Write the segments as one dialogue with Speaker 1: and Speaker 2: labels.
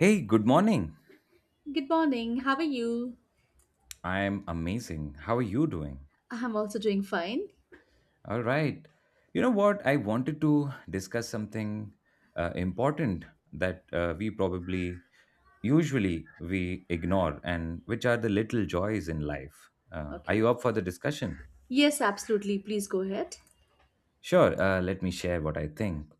Speaker 1: Hey, good morning.
Speaker 2: Good morning. How are you?
Speaker 1: I'm amazing. How are you doing?
Speaker 2: I'm also doing fine.
Speaker 1: All right. You know what? I wanted to discuss something important that we probably usually we ignore and which are the little joys in life. Are
Speaker 2: Okay.
Speaker 1: you up for the discussion?
Speaker 2: Yes, absolutely. Please go ahead.
Speaker 1: Sure, let me share what I think.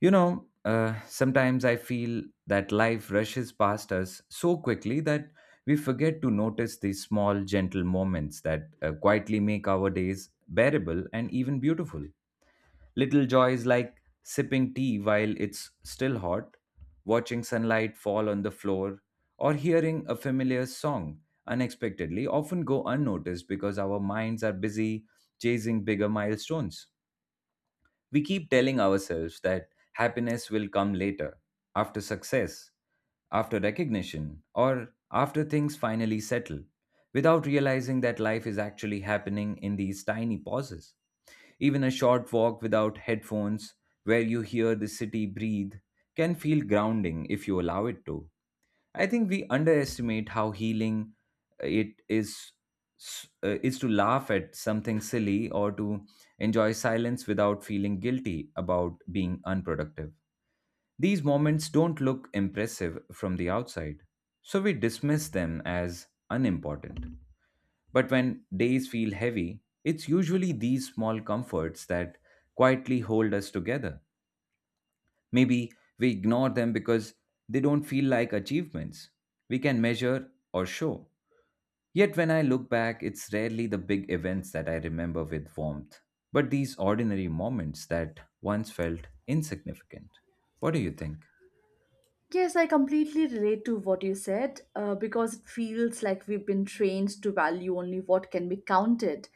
Speaker 1: Sometimes I feel that life rushes past us so quickly that we forget to notice these small, gentle moments that quietly make our days bearable and even beautiful. Little joys like sipping tea while it's still hot, watching sunlight fall on the floor, or hearing a familiar song unexpectedly often go unnoticed because our minds are busy chasing bigger milestones. We keep telling ourselves that happiness will come later, after success, after recognition, or after things finally settle, without realizing that life is actually happening in these tiny pauses. Even a short walk without headphones, where you hear the city breathe, can feel grounding if you allow it to. I think we underestimate how healing it is to laugh at something silly or to enjoy silence without feeling guilty about being unproductive. These moments don't look impressive from the outside, so we dismiss them as unimportant. But when days feel heavy, it's usually these small comforts that quietly hold us together. Maybe we ignore them because they don't feel like achievements we can measure or show. Yet when I look back, it's rarely the big events that I remember with warmth, but these ordinary moments that once felt insignificant. What do you think?
Speaker 2: Yes, I completely relate to what you said because it feels like we've been trained to value only what can be counted,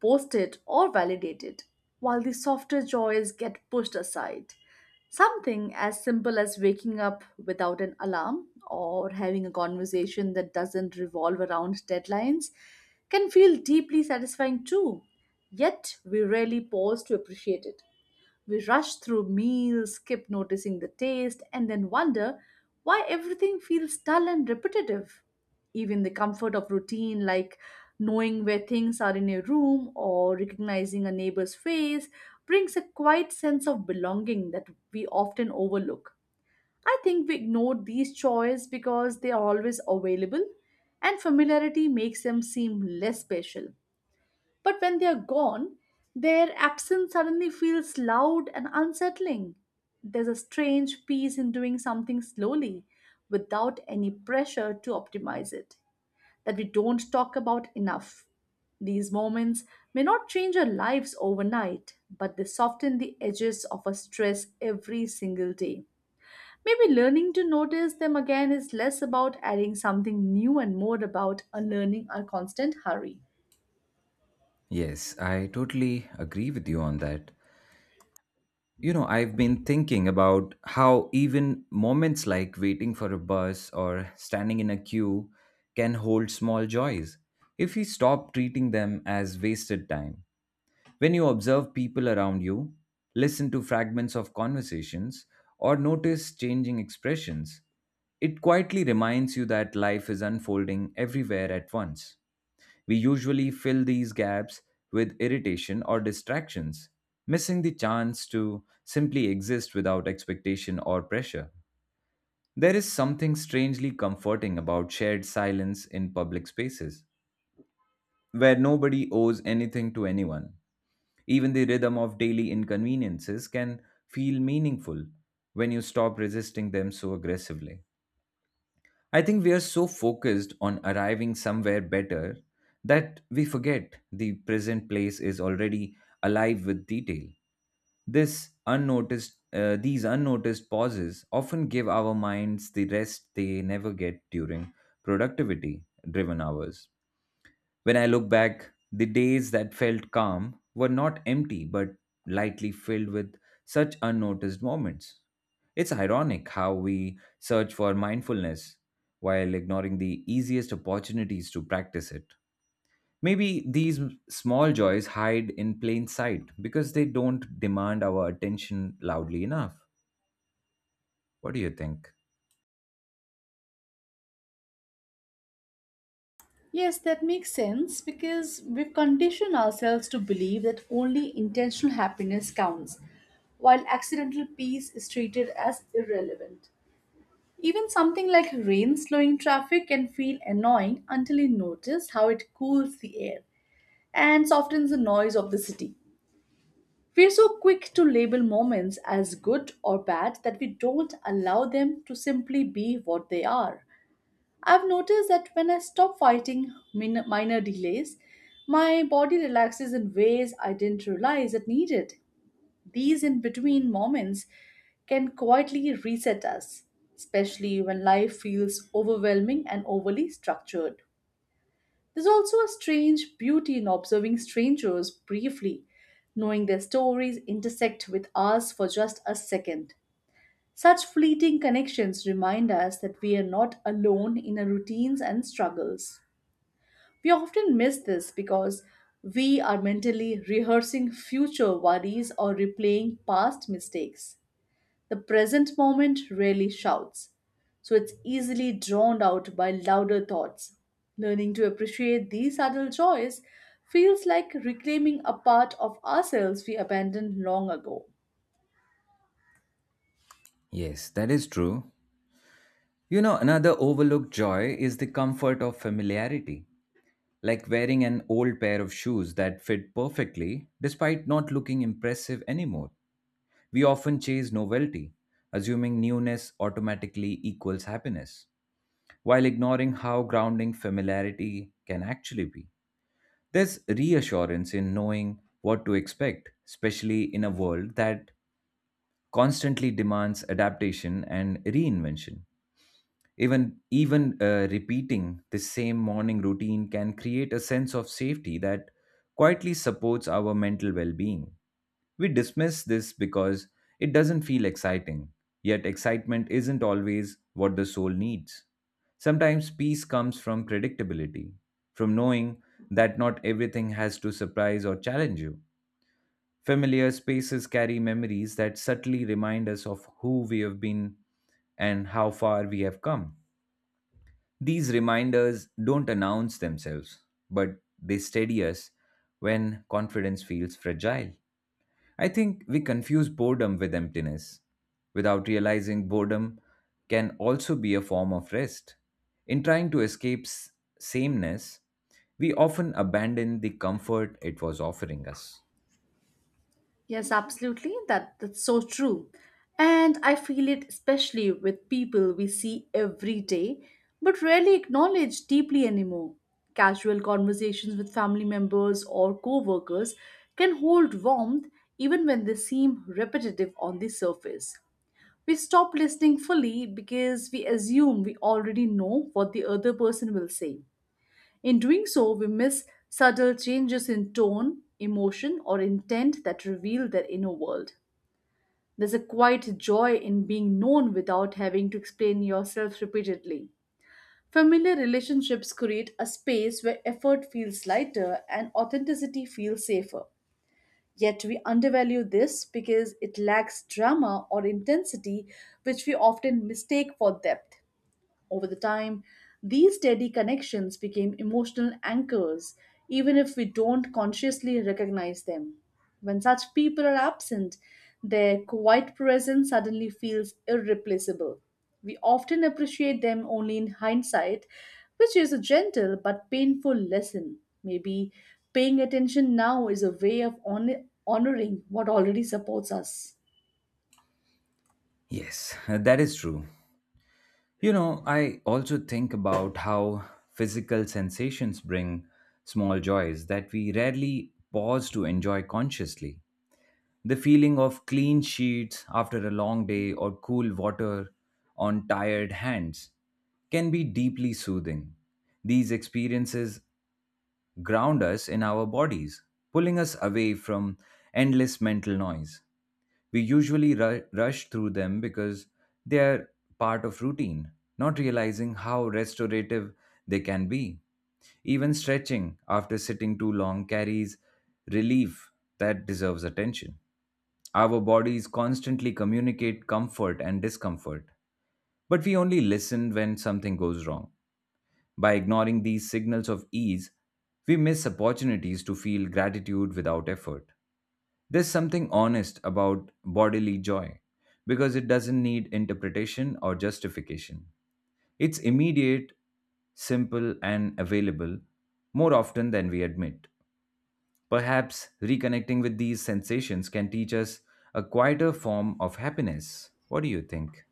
Speaker 2: posted, or validated, while the softer joys get pushed aside. Something as simple as waking up without an alarm or having a conversation that doesn't revolve around deadlines can feel deeply satisfying too, yet we rarely pause to appreciate it. We rush through meals, skip noticing the taste, and then wonder why everything feels dull and repetitive. Even the comfort of routine, like knowing where things are in a room or recognizing a neighbor's face, brings a quiet sense of belonging that we often overlook. I think we ignore these joys because they are always available and familiarity makes them seem less special. But when they are gone, their absence suddenly feels loud and unsettling. There's a strange peace in doing something slowly without any pressure to optimize it that we don't talk about enough. These moments may not change our lives overnight, but they soften the edges of our stress every single day. Maybe learning to notice them again is less about adding something new and more about unlearning our constant hurry.
Speaker 1: Yes, I totally agree with you on that. You know, I've been thinking about how even moments like waiting for a bus or standing in a queue can hold small joys if we stop treating them as wasted time. When you observe people around you, listen to fragments of conversations, or notice changing expressions, it quietly reminds you that life is unfolding everywhere at once. We usually fill these gaps with irritation or distractions, missing the chance to simply exist without expectation or pressure. There is something strangely comforting about shared silence in public spaces, where nobody owes anything to anyone. Even the rhythm of daily inconveniences can feel meaningful when you stop resisting them so aggressively. I think we are so focused on arriving somewhere better that we forget the present place is already alive with detail. These unnoticed pauses often give our minds the rest they never get during productivity driven hours. When I look back, the days that felt calm were not empty but lightly filled with such unnoticed moments. It's ironic how we search for mindfulness while ignoring the easiest opportunities to practice it. Maybe these small joys hide in plain sight because they don't demand our attention loudly enough. What do you think?
Speaker 2: Yes, that makes sense because we've conditioned ourselves to believe that only intentional happiness counts, while accidental peace is treated as irrelevant. Even something like rain slowing traffic can feel annoying until you notice how it cools the air and softens the noise of the city. We're so quick to label moments as good or bad that we don't allow them to simply be what they are. I've noticed that when I stop fighting minor delays, my body relaxes in ways I didn't realize it needed. These in between moments can quietly reset us, especially when life feels overwhelming and overly structured. There's also a strange beauty in observing strangers briefly, knowing their stories intersect with ours for just a second. Such fleeting connections remind us that we are not alone in our routines and struggles. We often miss this because we are mentally rehearsing future worries or replaying past mistakes. The present moment rarely shouts, so it's easily drowned out by louder thoughts. Learning to appreciate these subtle joys feels like reclaiming a part of ourselves we abandoned long ago.
Speaker 1: Yes, that is true. You know, another overlooked joy is the comfort of familiarity, like wearing an old pair of shoes that fit perfectly despite not looking impressive anymore. We often chase novelty, assuming newness automatically equals happiness, while ignoring how grounding familiarity can actually be. There's reassurance in knowing what to expect, especially in a world that constantly demands adaptation and reinvention. Even repeating the same morning routine can create a sense of safety that quietly supports our mental well-being. We dismiss this because it doesn't feel exciting. Yet excitement isn't always what the soul needs. Sometimes peace comes from predictability, from knowing that not everything has to surprise or challenge you. Familiar spaces carry memories that subtly remind us of who we have been and how far we have come. These reminders don't announce themselves, but they steady us when confidence feels fragile. I think we confuse boredom with emptiness without realizing boredom can also be a form of rest. In trying to escape sameness, we often abandon the comfort it was offering us.
Speaker 2: Yes, absolutely. That's so true. And I feel it especially with people we see every day but rarely acknowledge deeply anymore. Casual conversations with family members or co-workers can hold warmth even when they seem repetitive on the surface. We stop listening fully because we assume we already know what the other person will say. In doing so, we miss subtle changes in tone, emotion, or intent that reveal their inner world. There's a quiet joy in being known without having to explain yourself repeatedly. Familiar relationships create a space where effort feels lighter and authenticity feels safer. Yet we undervalue this because it lacks drama or intensity, which we often mistake for depth. Over the time, these steady connections became emotional anchors, even if we don't consciously recognize them. When such people are absent, their quiet presence suddenly feels irreplaceable. We often appreciate them only in hindsight, which is a gentle but painful lesson. Maybe paying attention now is a way of honoring what already supports us.
Speaker 1: Yes, that is true. You know, I also think about how physical sensations bring small joys that we rarely pause to enjoy consciously. The feeling of clean sheets after a long day or cool water on tired hands can be deeply soothing. These experiences ground us in our bodies, pulling us away from endless mental noise. We usually rush through them because they are part of routine, not realizing how restorative they can be. Even stretching after sitting too long carries relief that deserves attention. Our bodies constantly communicate comfort and discomfort, but we only listen when something goes wrong. By ignoring these signals of ease, we miss opportunities to feel gratitude without effort. There's something honest about bodily joy because it doesn't need interpretation or justification. It's immediate, simple, and available more often than we admit. Perhaps reconnecting with these sensations can teach us a quieter form of happiness. What do you think?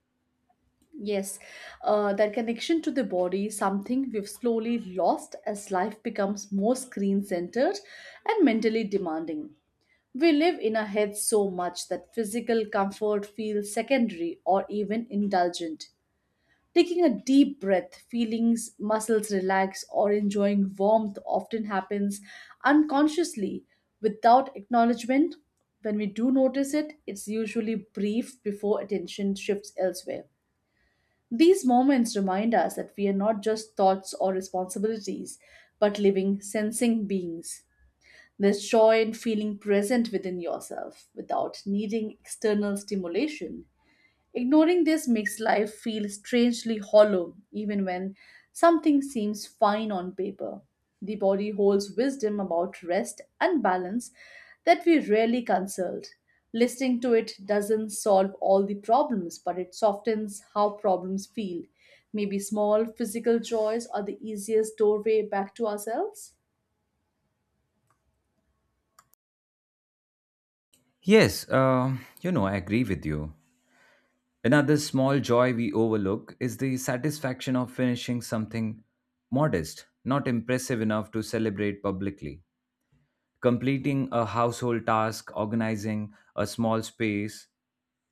Speaker 2: Yes, that connection to the body is something we've slowly lost as life becomes more screen centered and mentally demanding. We live in our heads so much that physical comfort feels secondary or even indulgent. Taking a deep breath, feelings, muscles relax, or enjoying warmth often happens unconsciously without acknowledgement. When we do notice it, it's usually brief before attention shifts elsewhere. These moments remind us that we are not just thoughts or responsibilities, but living, sensing beings. There's joy in feeling present within yourself without needing external stimulation. Ignoring this makes life feel strangely hollow, even when something seems fine on paper. The body holds wisdom about rest and balance that we rarely consult. Listening to it doesn't solve all the problems, but it softens how problems feel. Maybe small physical joys are the easiest doorway back to ourselves.
Speaker 1: Yes, you know, I agree with you. Another small joy we overlook is the satisfaction of finishing something modest, not impressive enough to celebrate publicly. Completing a household task, organizing a small space,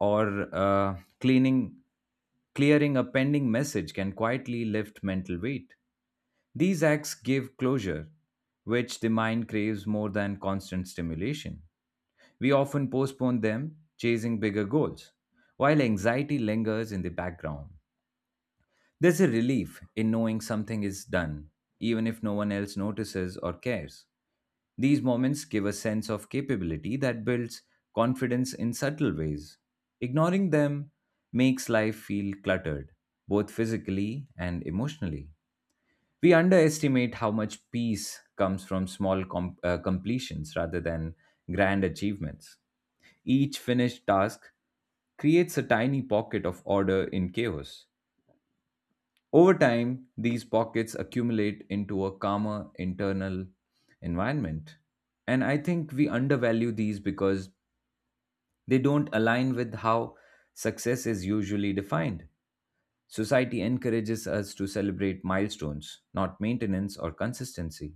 Speaker 1: or cleaning clearing a pending message can quietly lift mental weight. These acts give closure, which the mind craves more than constant stimulation. We often postpone them, chasing bigger goals, while anxiety lingers in the background. There's a relief in knowing something is done, even if no one else notices or cares. These moments give a sense of capability that builds confidence in subtle ways. Ignoring them makes life feel cluttered, both physically and emotionally. We underestimate how much peace comes from completions rather than grand achievements. Each finished task creates a tiny pocket of order in chaos. Over time, these pockets accumulate into a calmer internal environment. And I think we undervalue these because they don't align with how success is usually defined. Society encourages us to celebrate milestones, not maintenance or consistency.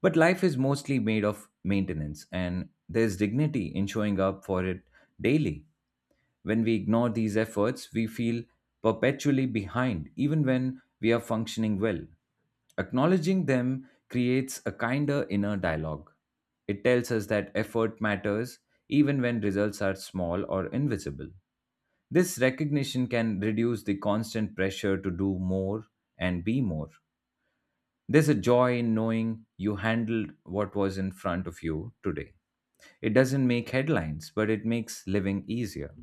Speaker 1: But life is mostly made of maintenance, and there's dignity in showing up for it daily. When we ignore these efforts, we feel perpetually behind, even when we are functioning well. Acknowledging them creates a kinder inner dialogue. It tells us that effort matters even when results are small or invisible. This recognition can reduce the constant pressure to do more and be more. There's a joy in knowing you handled what was in front of you today. It doesn't make headlines, but it makes living easier.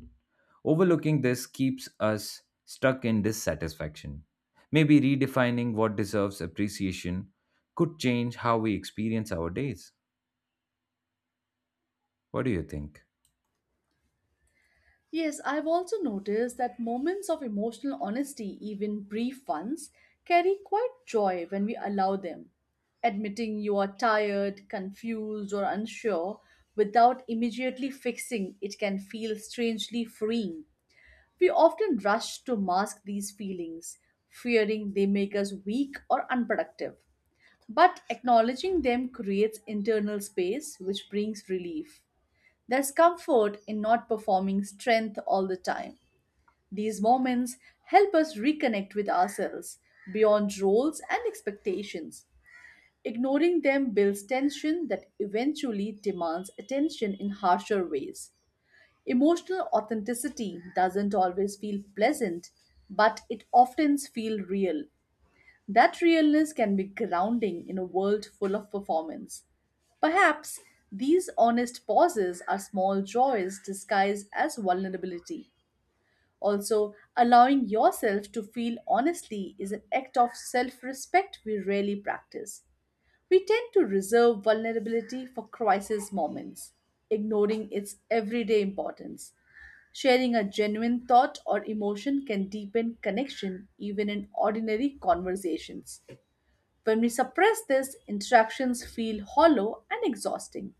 Speaker 1: Overlooking this keeps us stuck in dissatisfaction. Maybe redefining what deserves appreciation could change how we experience our days. What do you think?
Speaker 2: Yes, I've also noticed that moments of emotional honesty, even brief ones, carry quite joy when we allow them. Admitting you are tired, confused, or unsure without immediately fixing it can feel strangely freeing. We often rush to mask these feelings, fearing they make us weak or unproductive. But acknowledging them creates internal space, which brings relief. There's comfort in not performing strength all the time. These moments help us reconnect with ourselves beyond roles and expectations. Ignoring them builds tension that eventually demands attention in harsher ways. Emotional authenticity doesn't always feel pleasant, but it often feels real. That realness can be grounding in a world full of performance. Perhaps these honest pauses are small joys disguised as vulnerability. Also, allowing yourself to feel honestly is an act of self respect we rarely practice. We tend to reserve vulnerability for crisis moments, ignoring its everyday importance. Sharing a genuine thought or emotion can deepen connection even in ordinary conversations. When we suppress this, interactions feel hollow and exhausting.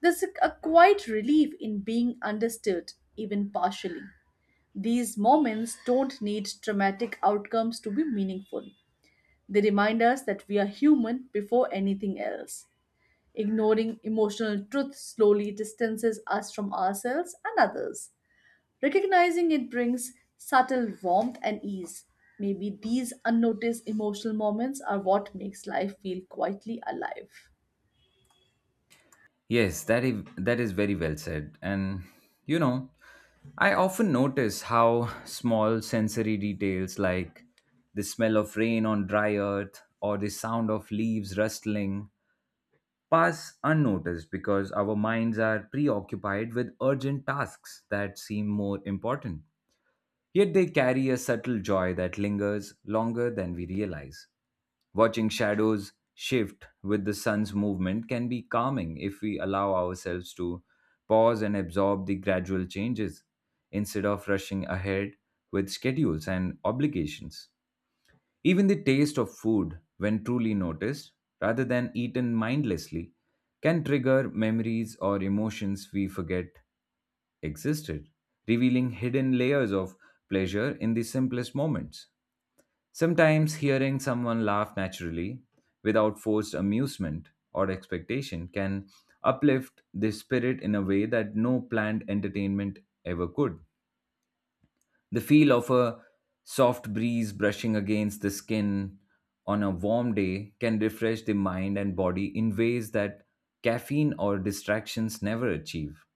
Speaker 2: There's a quiet relief in being understood, even partially. These moments don't need dramatic outcomes to be meaningful. They remind us that we are human before anything else. Ignoring emotional truth slowly distances us from ourselves and others. Recognizing it brings subtle warmth and ease. Maybe these unnoticed emotional moments are what makes life feel quietly alive.
Speaker 1: Yes, that is very well said. And you know, I often notice how small sensory details like the smell of rain on dry earth or the sound of leaves rustling pass unnoticed because our minds are preoccupied with urgent tasks that seem more important. Yet they carry a subtle joy that lingers longer than we realize. Watching shadows shift with the sun's movement can be calming if we allow ourselves to pause and absorb the gradual changes instead of rushing ahead with schedules and obligations. Even the taste of food, when truly noticed rather than eaten mindlessly, can trigger memories or emotions we forget existed, revealing hidden layers of pleasure in the simplest moments. Sometimes hearing someone laugh naturally, without forced amusement or expectation, can uplift the spirit in a way that no planned entertainment ever could. The feel of a soft breeze brushing against the skin on a warm day can refresh the mind and body in ways that caffeine or distractions never achieve.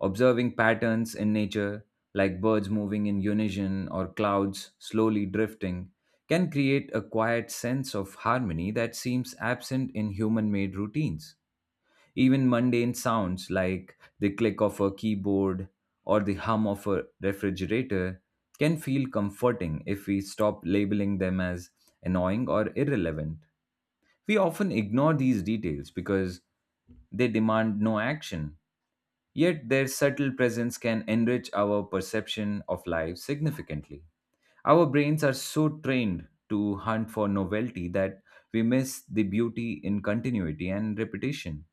Speaker 1: Observing patterns in nature, like birds moving in unison or clouds slowly drifting, can create a quiet sense of harmony that seems absent in human made routines. Even mundane sounds like the click of a keyboard or the hum of a refrigerator can feel comforting if we stop labeling them as annoying or irrelevant. We often ignore these details because they demand no action. Yet their subtle presence can enrich our perception of life significantly. Our brains are so trained to hunt for novelty that we miss the beauty in continuity and repetition,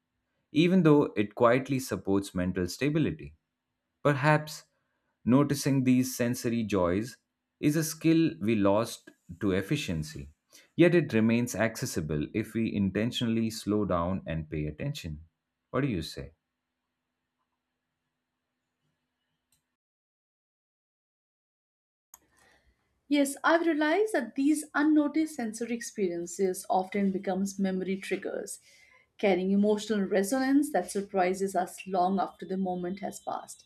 Speaker 1: even though it quietly supports mental stability. Perhaps noticing these sensory joys is a skill we lost to efficiency, yet it remains accessible if we intentionally slow down and pay attention. What do you say?
Speaker 2: Yes, I've realized that these unnoticed sensory experiences often becomes memory triggers, carrying emotional resonance that surprises us long after the moment has passed.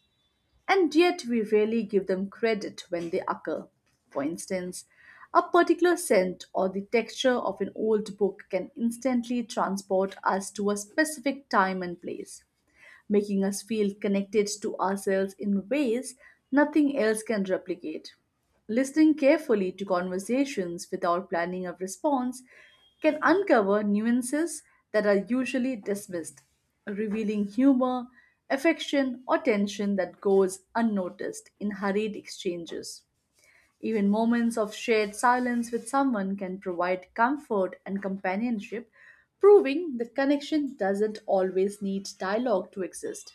Speaker 2: And yet we rarely give them credit when they occur. For instance, a particular scent or the texture of an old book can instantly transport us to a specific time and place, making us feel connected to ourselves in ways nothing else can replicate. Listening carefully to conversations without planning a response can uncover nuances that are usually dismissed, revealing humor, affection, or tension that goes unnoticed in hurried exchanges. Even moments of shared silence with someone can provide comfort and companionship, proving that connection doesn't always need dialogue to exist.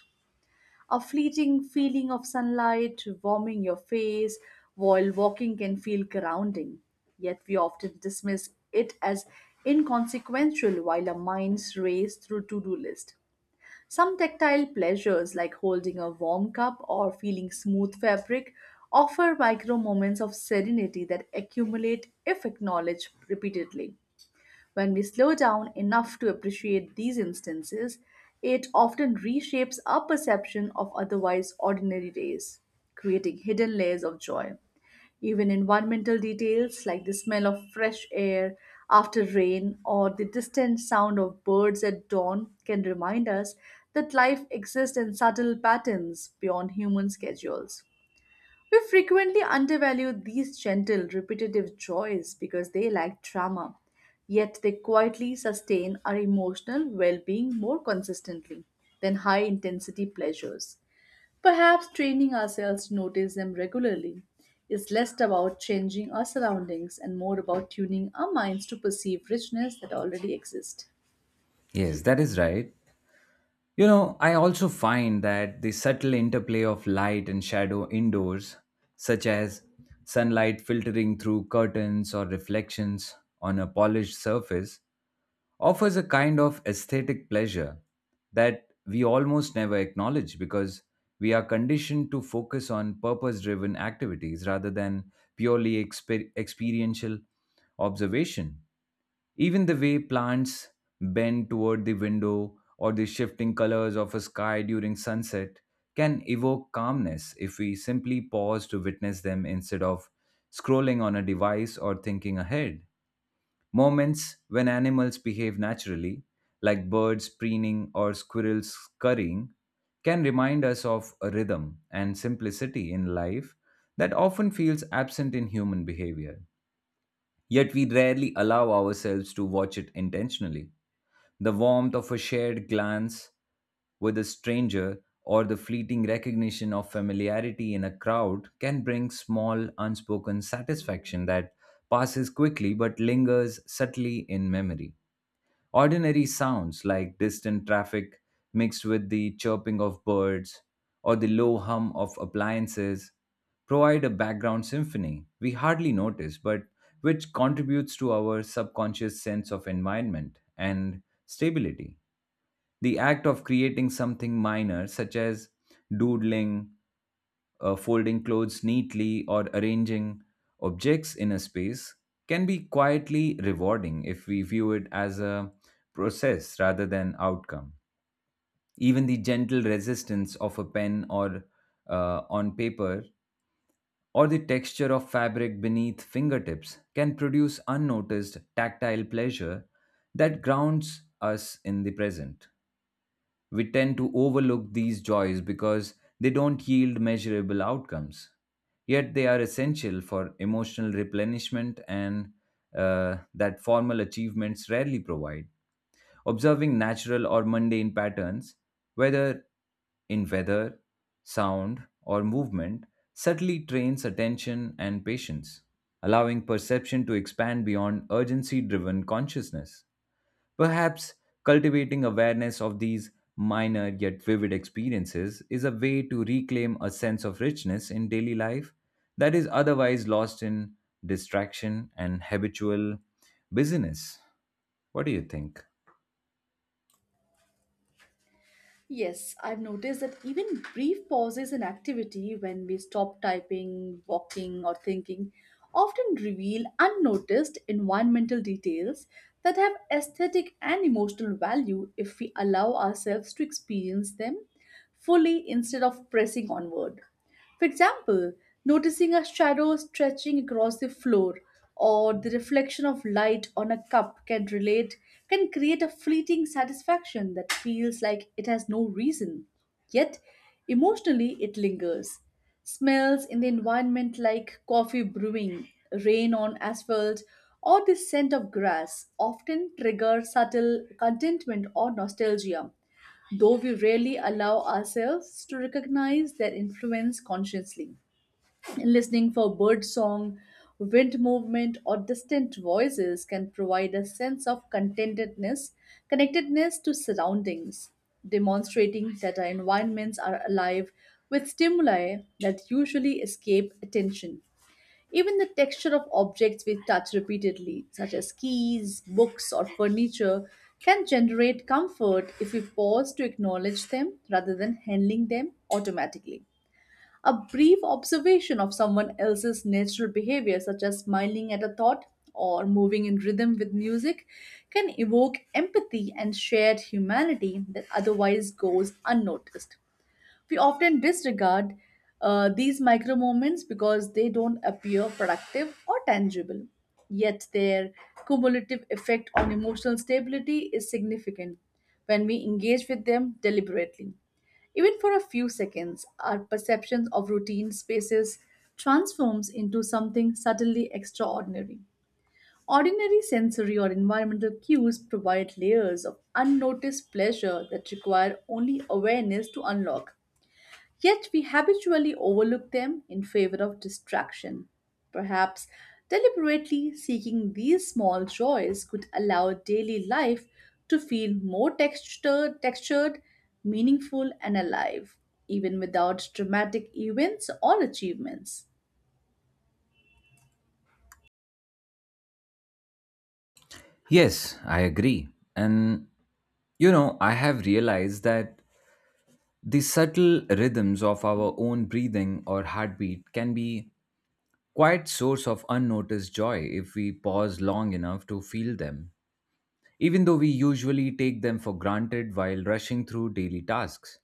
Speaker 2: A fleeting feeling of sunlight warming your face while walking can feel grounding, yet we often dismiss it as inconsequential while our minds race through to do list. Some tactile pleasures, like holding a warm cup or feeling smooth fabric, offer micro moments of serenity that accumulate if acknowledged repeatedly. When we slow down enough to appreciate these instances, it often reshapes our perception of otherwise ordinary days, creating hidden layers of joy. Even environmental details like the smell of fresh air after rain or the distant sound of birds at dawn can remind us that life exists in subtle patterns beyond human schedules. We frequently undervalue these gentle, repetitive joys because they lack drama, yet they quietly sustain our emotional well being more consistently than high intensity pleasures. Perhaps training ourselves to notice them regularly is less about changing our surroundings and more about tuning our minds to perceive richness that already exists.
Speaker 1: Yes, that is right. You know, I also find that the subtle interplay of light and shadow indoors, such as sunlight filtering through curtains or reflections on a polished surface, offers a kind of aesthetic pleasure that we almost never acknowledge because we are conditioned to focus on purpose driven activities rather than purely experiential observation. Even the way plants bend toward the window or the shifting colors of a sky during sunset can evoke calmness if we simply pause to witness them instead of scrolling on a device or thinking ahead. Moments when animals behave naturally, like birds preening or squirrels scurrying, can remind us of a rhythm and simplicity in life that often feels absent in human behavior. Yet we rarely allow ourselves to watch it intentionally. The warmth of a shared glance with a stranger or the fleeting recognition of familiarity in a crowd can bring small unspoken satisfaction that passes quickly but lingers subtly in memory. Ordinary sounds like distant traffic mixed with the chirping of birds or the low hum of appliances provide a background symphony we hardly notice, but which contributes to our subconscious sense of environment and stability. The act of creating something minor, such as doodling, folding clothes neatly or arranging objects in a space, can be quietly rewarding if we view it as a process rather than outcome. Even the gentle resistance of a pen or, on paper, or the texture of fabric beneath fingertips can produce unnoticed tactile pleasure that grounds us in the present. We tend to overlook these joys because they don't yield measurable outcomes. Yet they are essential for emotional replenishment and, that formal achievements rarely provide. Observing natural or mundane patterns, whether in weather, sound, or movement, subtly trains attention and patience, allowing perception to expand beyond urgency driven consciousness. Perhaps cultivating awareness of these minor yet vivid experiences is a way to reclaim a sense of richness in daily life that is otherwise lost in distraction and habitual busyness. What do you think?
Speaker 2: Yes, I've noticed that even brief pauses in activity, when we stop typing, walking, or thinking, often reveal unnoticed environmental details that have aesthetic and emotional value if we allow ourselves to experience them fully instead of pressing onward. For example, noticing a shadow stretching across the floor or the reflection of light on a cup can create a fleeting satisfaction that feels like it has no reason. Yet emotionally it lingers. Smells in the environment like coffee brewing, rain on asphalt, or the scent of grass often trigger subtle contentment or nostalgia though we rarely allow ourselves to recognize their influence consciously. Listening for bird song, wind movement, or distant voices can provide a sense of contentedness, connectedness to surroundings, demonstrating that our environments are alive with stimuli that usually escape attention. Even the texture of objects we touch repeatedly, such as keys, books, or furniture, can generate comfort if we pause to acknowledge them rather than handling them automatically. A brief observation of someone else's natural behavior, such as smiling at a thought or moving in rhythm with music, can evoke empathy and shared humanity that otherwise goes unnoticed. We often disregard these micro moments because they don't appear productive or tangible. Yet their cumulative effect on emotional stability is significant when we engage with them deliberately. Even for a few seconds, our perceptions of routine spaces transforms into something subtly extraordinary. Ordinary sensory or environmental cues provide layers of unnoticed pleasure that require only awareness to unlock. Yet we habitually overlook them in favor of distraction. Perhaps deliberately seeking these small joys could allow daily life to feel more textured, meaningful, and alive, even without dramatic events or achievements.
Speaker 1: Yes, I agree. And I have realized that the subtle rhythms of our own breathing or heartbeat can be quite source of unnoticed joy if we pause long enough to feel them, even though we usually take them for granted while rushing through daily tasks.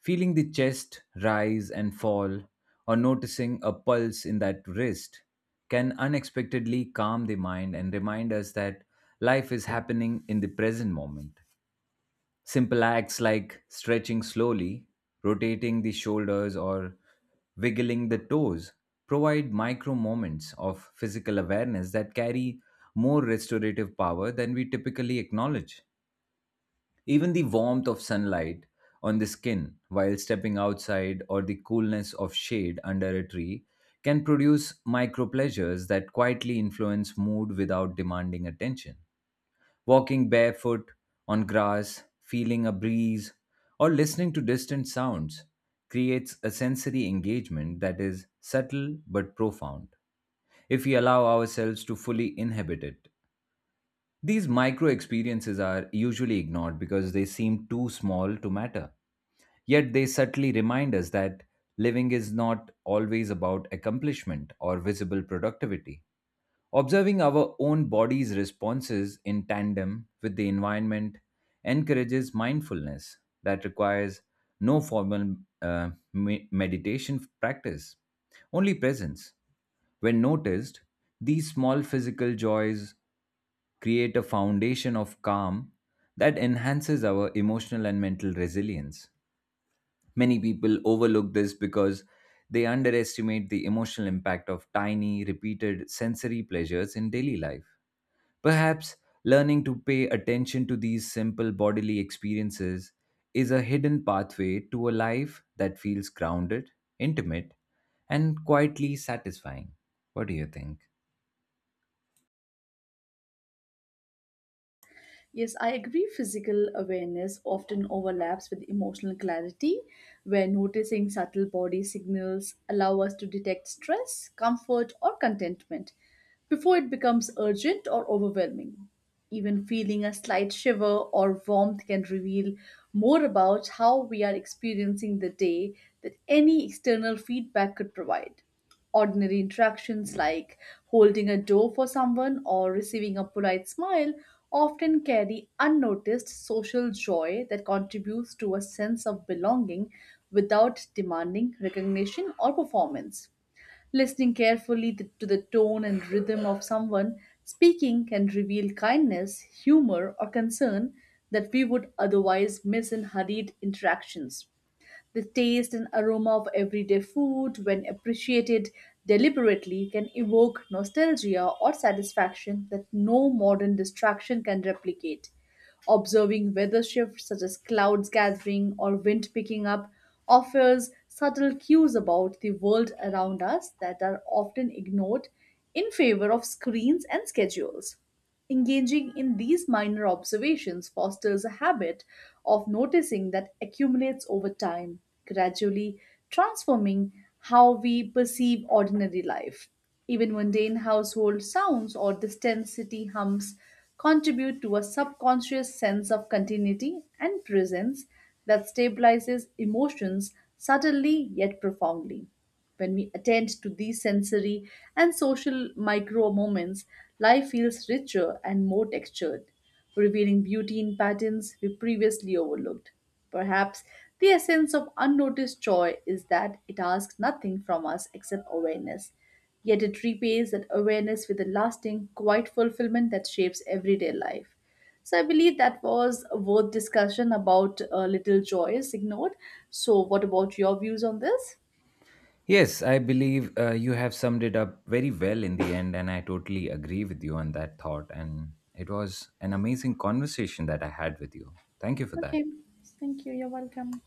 Speaker 1: Feeling the chest rise and fall, or noticing a pulse in that wrist, can unexpectedly calm the mind and remind us that life is happening in the present moment. Simple acts like stretching slowly, rotating the shoulders, or wiggling the toes provide micro moments of physical awareness that carry more restorative power than we typically acknowledge. Even the warmth of sunlight on the skin while stepping outside, or the coolness of shade under a tree, can produce micro pleasures that quietly influence mood without demanding attention. Walking barefoot on grass, feeling a breeze, or listening to distant sounds creates a sensory engagement that is subtle but profound if we allow ourselves to fully inhabit it. These micro experiences are usually ignored because they seem too small to matter. Yet they subtly remind us that living is not always about accomplishment or visible productivity. Observing our own body's responses in tandem with the environment encourages mindfulness that requires no formal meditation practice, only presence. When noticed, these small physical joys create a foundation of calm that enhances our emotional and mental resilience. Many people overlook this because they underestimate the emotional impact of tiny, repeated sensory pleasures in daily life. Perhaps learning to pay attention to these simple bodily experiences is a hidden pathway to a life that feels grounded, intimate, and quietly satisfying. What do you think?
Speaker 2: Yes, I agree. Physical awareness often overlaps with emotional clarity, where noticing subtle body signals allow us to detect stress, comfort, or contentment before it becomes urgent or overwhelming. Even feeling a slight shiver or warmth can reveal more about how we are experiencing the day than any external feedback could provide. Ordinary interactions like holding a door for someone or receiving a polite smile often carry unnoticed social joy that contributes to a sense of belonging without demanding recognition or performance. Listening carefully to the tone and rhythm of someone speaking can reveal kindness, humor, or concern that we would otherwise miss in hurried interactions. The taste and aroma of everyday food, when appreciated deliberately, can evoke nostalgia or satisfaction that no modern distraction can replicate. Observing weather shifts such as clouds gathering or wind picking up offers subtle cues about the world around us that are often ignored in favor of screens and schedules. Engaging in these minor observations fosters a habit of noticing that accumulates over time, gradually transforming how we perceive ordinary life. Even mundane household sounds or distant city hums contribute to a subconscious sense of continuity and presence that stabilizes emotions subtly yet profoundly. When we attend to these sensory and social micro moments, life feels richer and more textured, revealing beauty in patterns we previously overlooked. Perhaps the essence of unnoticed joy is that it asks nothing from us except awareness, yet it repays that awareness with a lasting, quiet fulfillment that shapes everyday life. So I believe that was a worth discussion about little joys ignored. So what about your views on this?
Speaker 1: Yes, I believe you have summed it up very well in the end, and I totally agree with you on that thought. And it was an amazing conversation that I had with you. Thank you for that.
Speaker 2: Okay, thank you. You're welcome.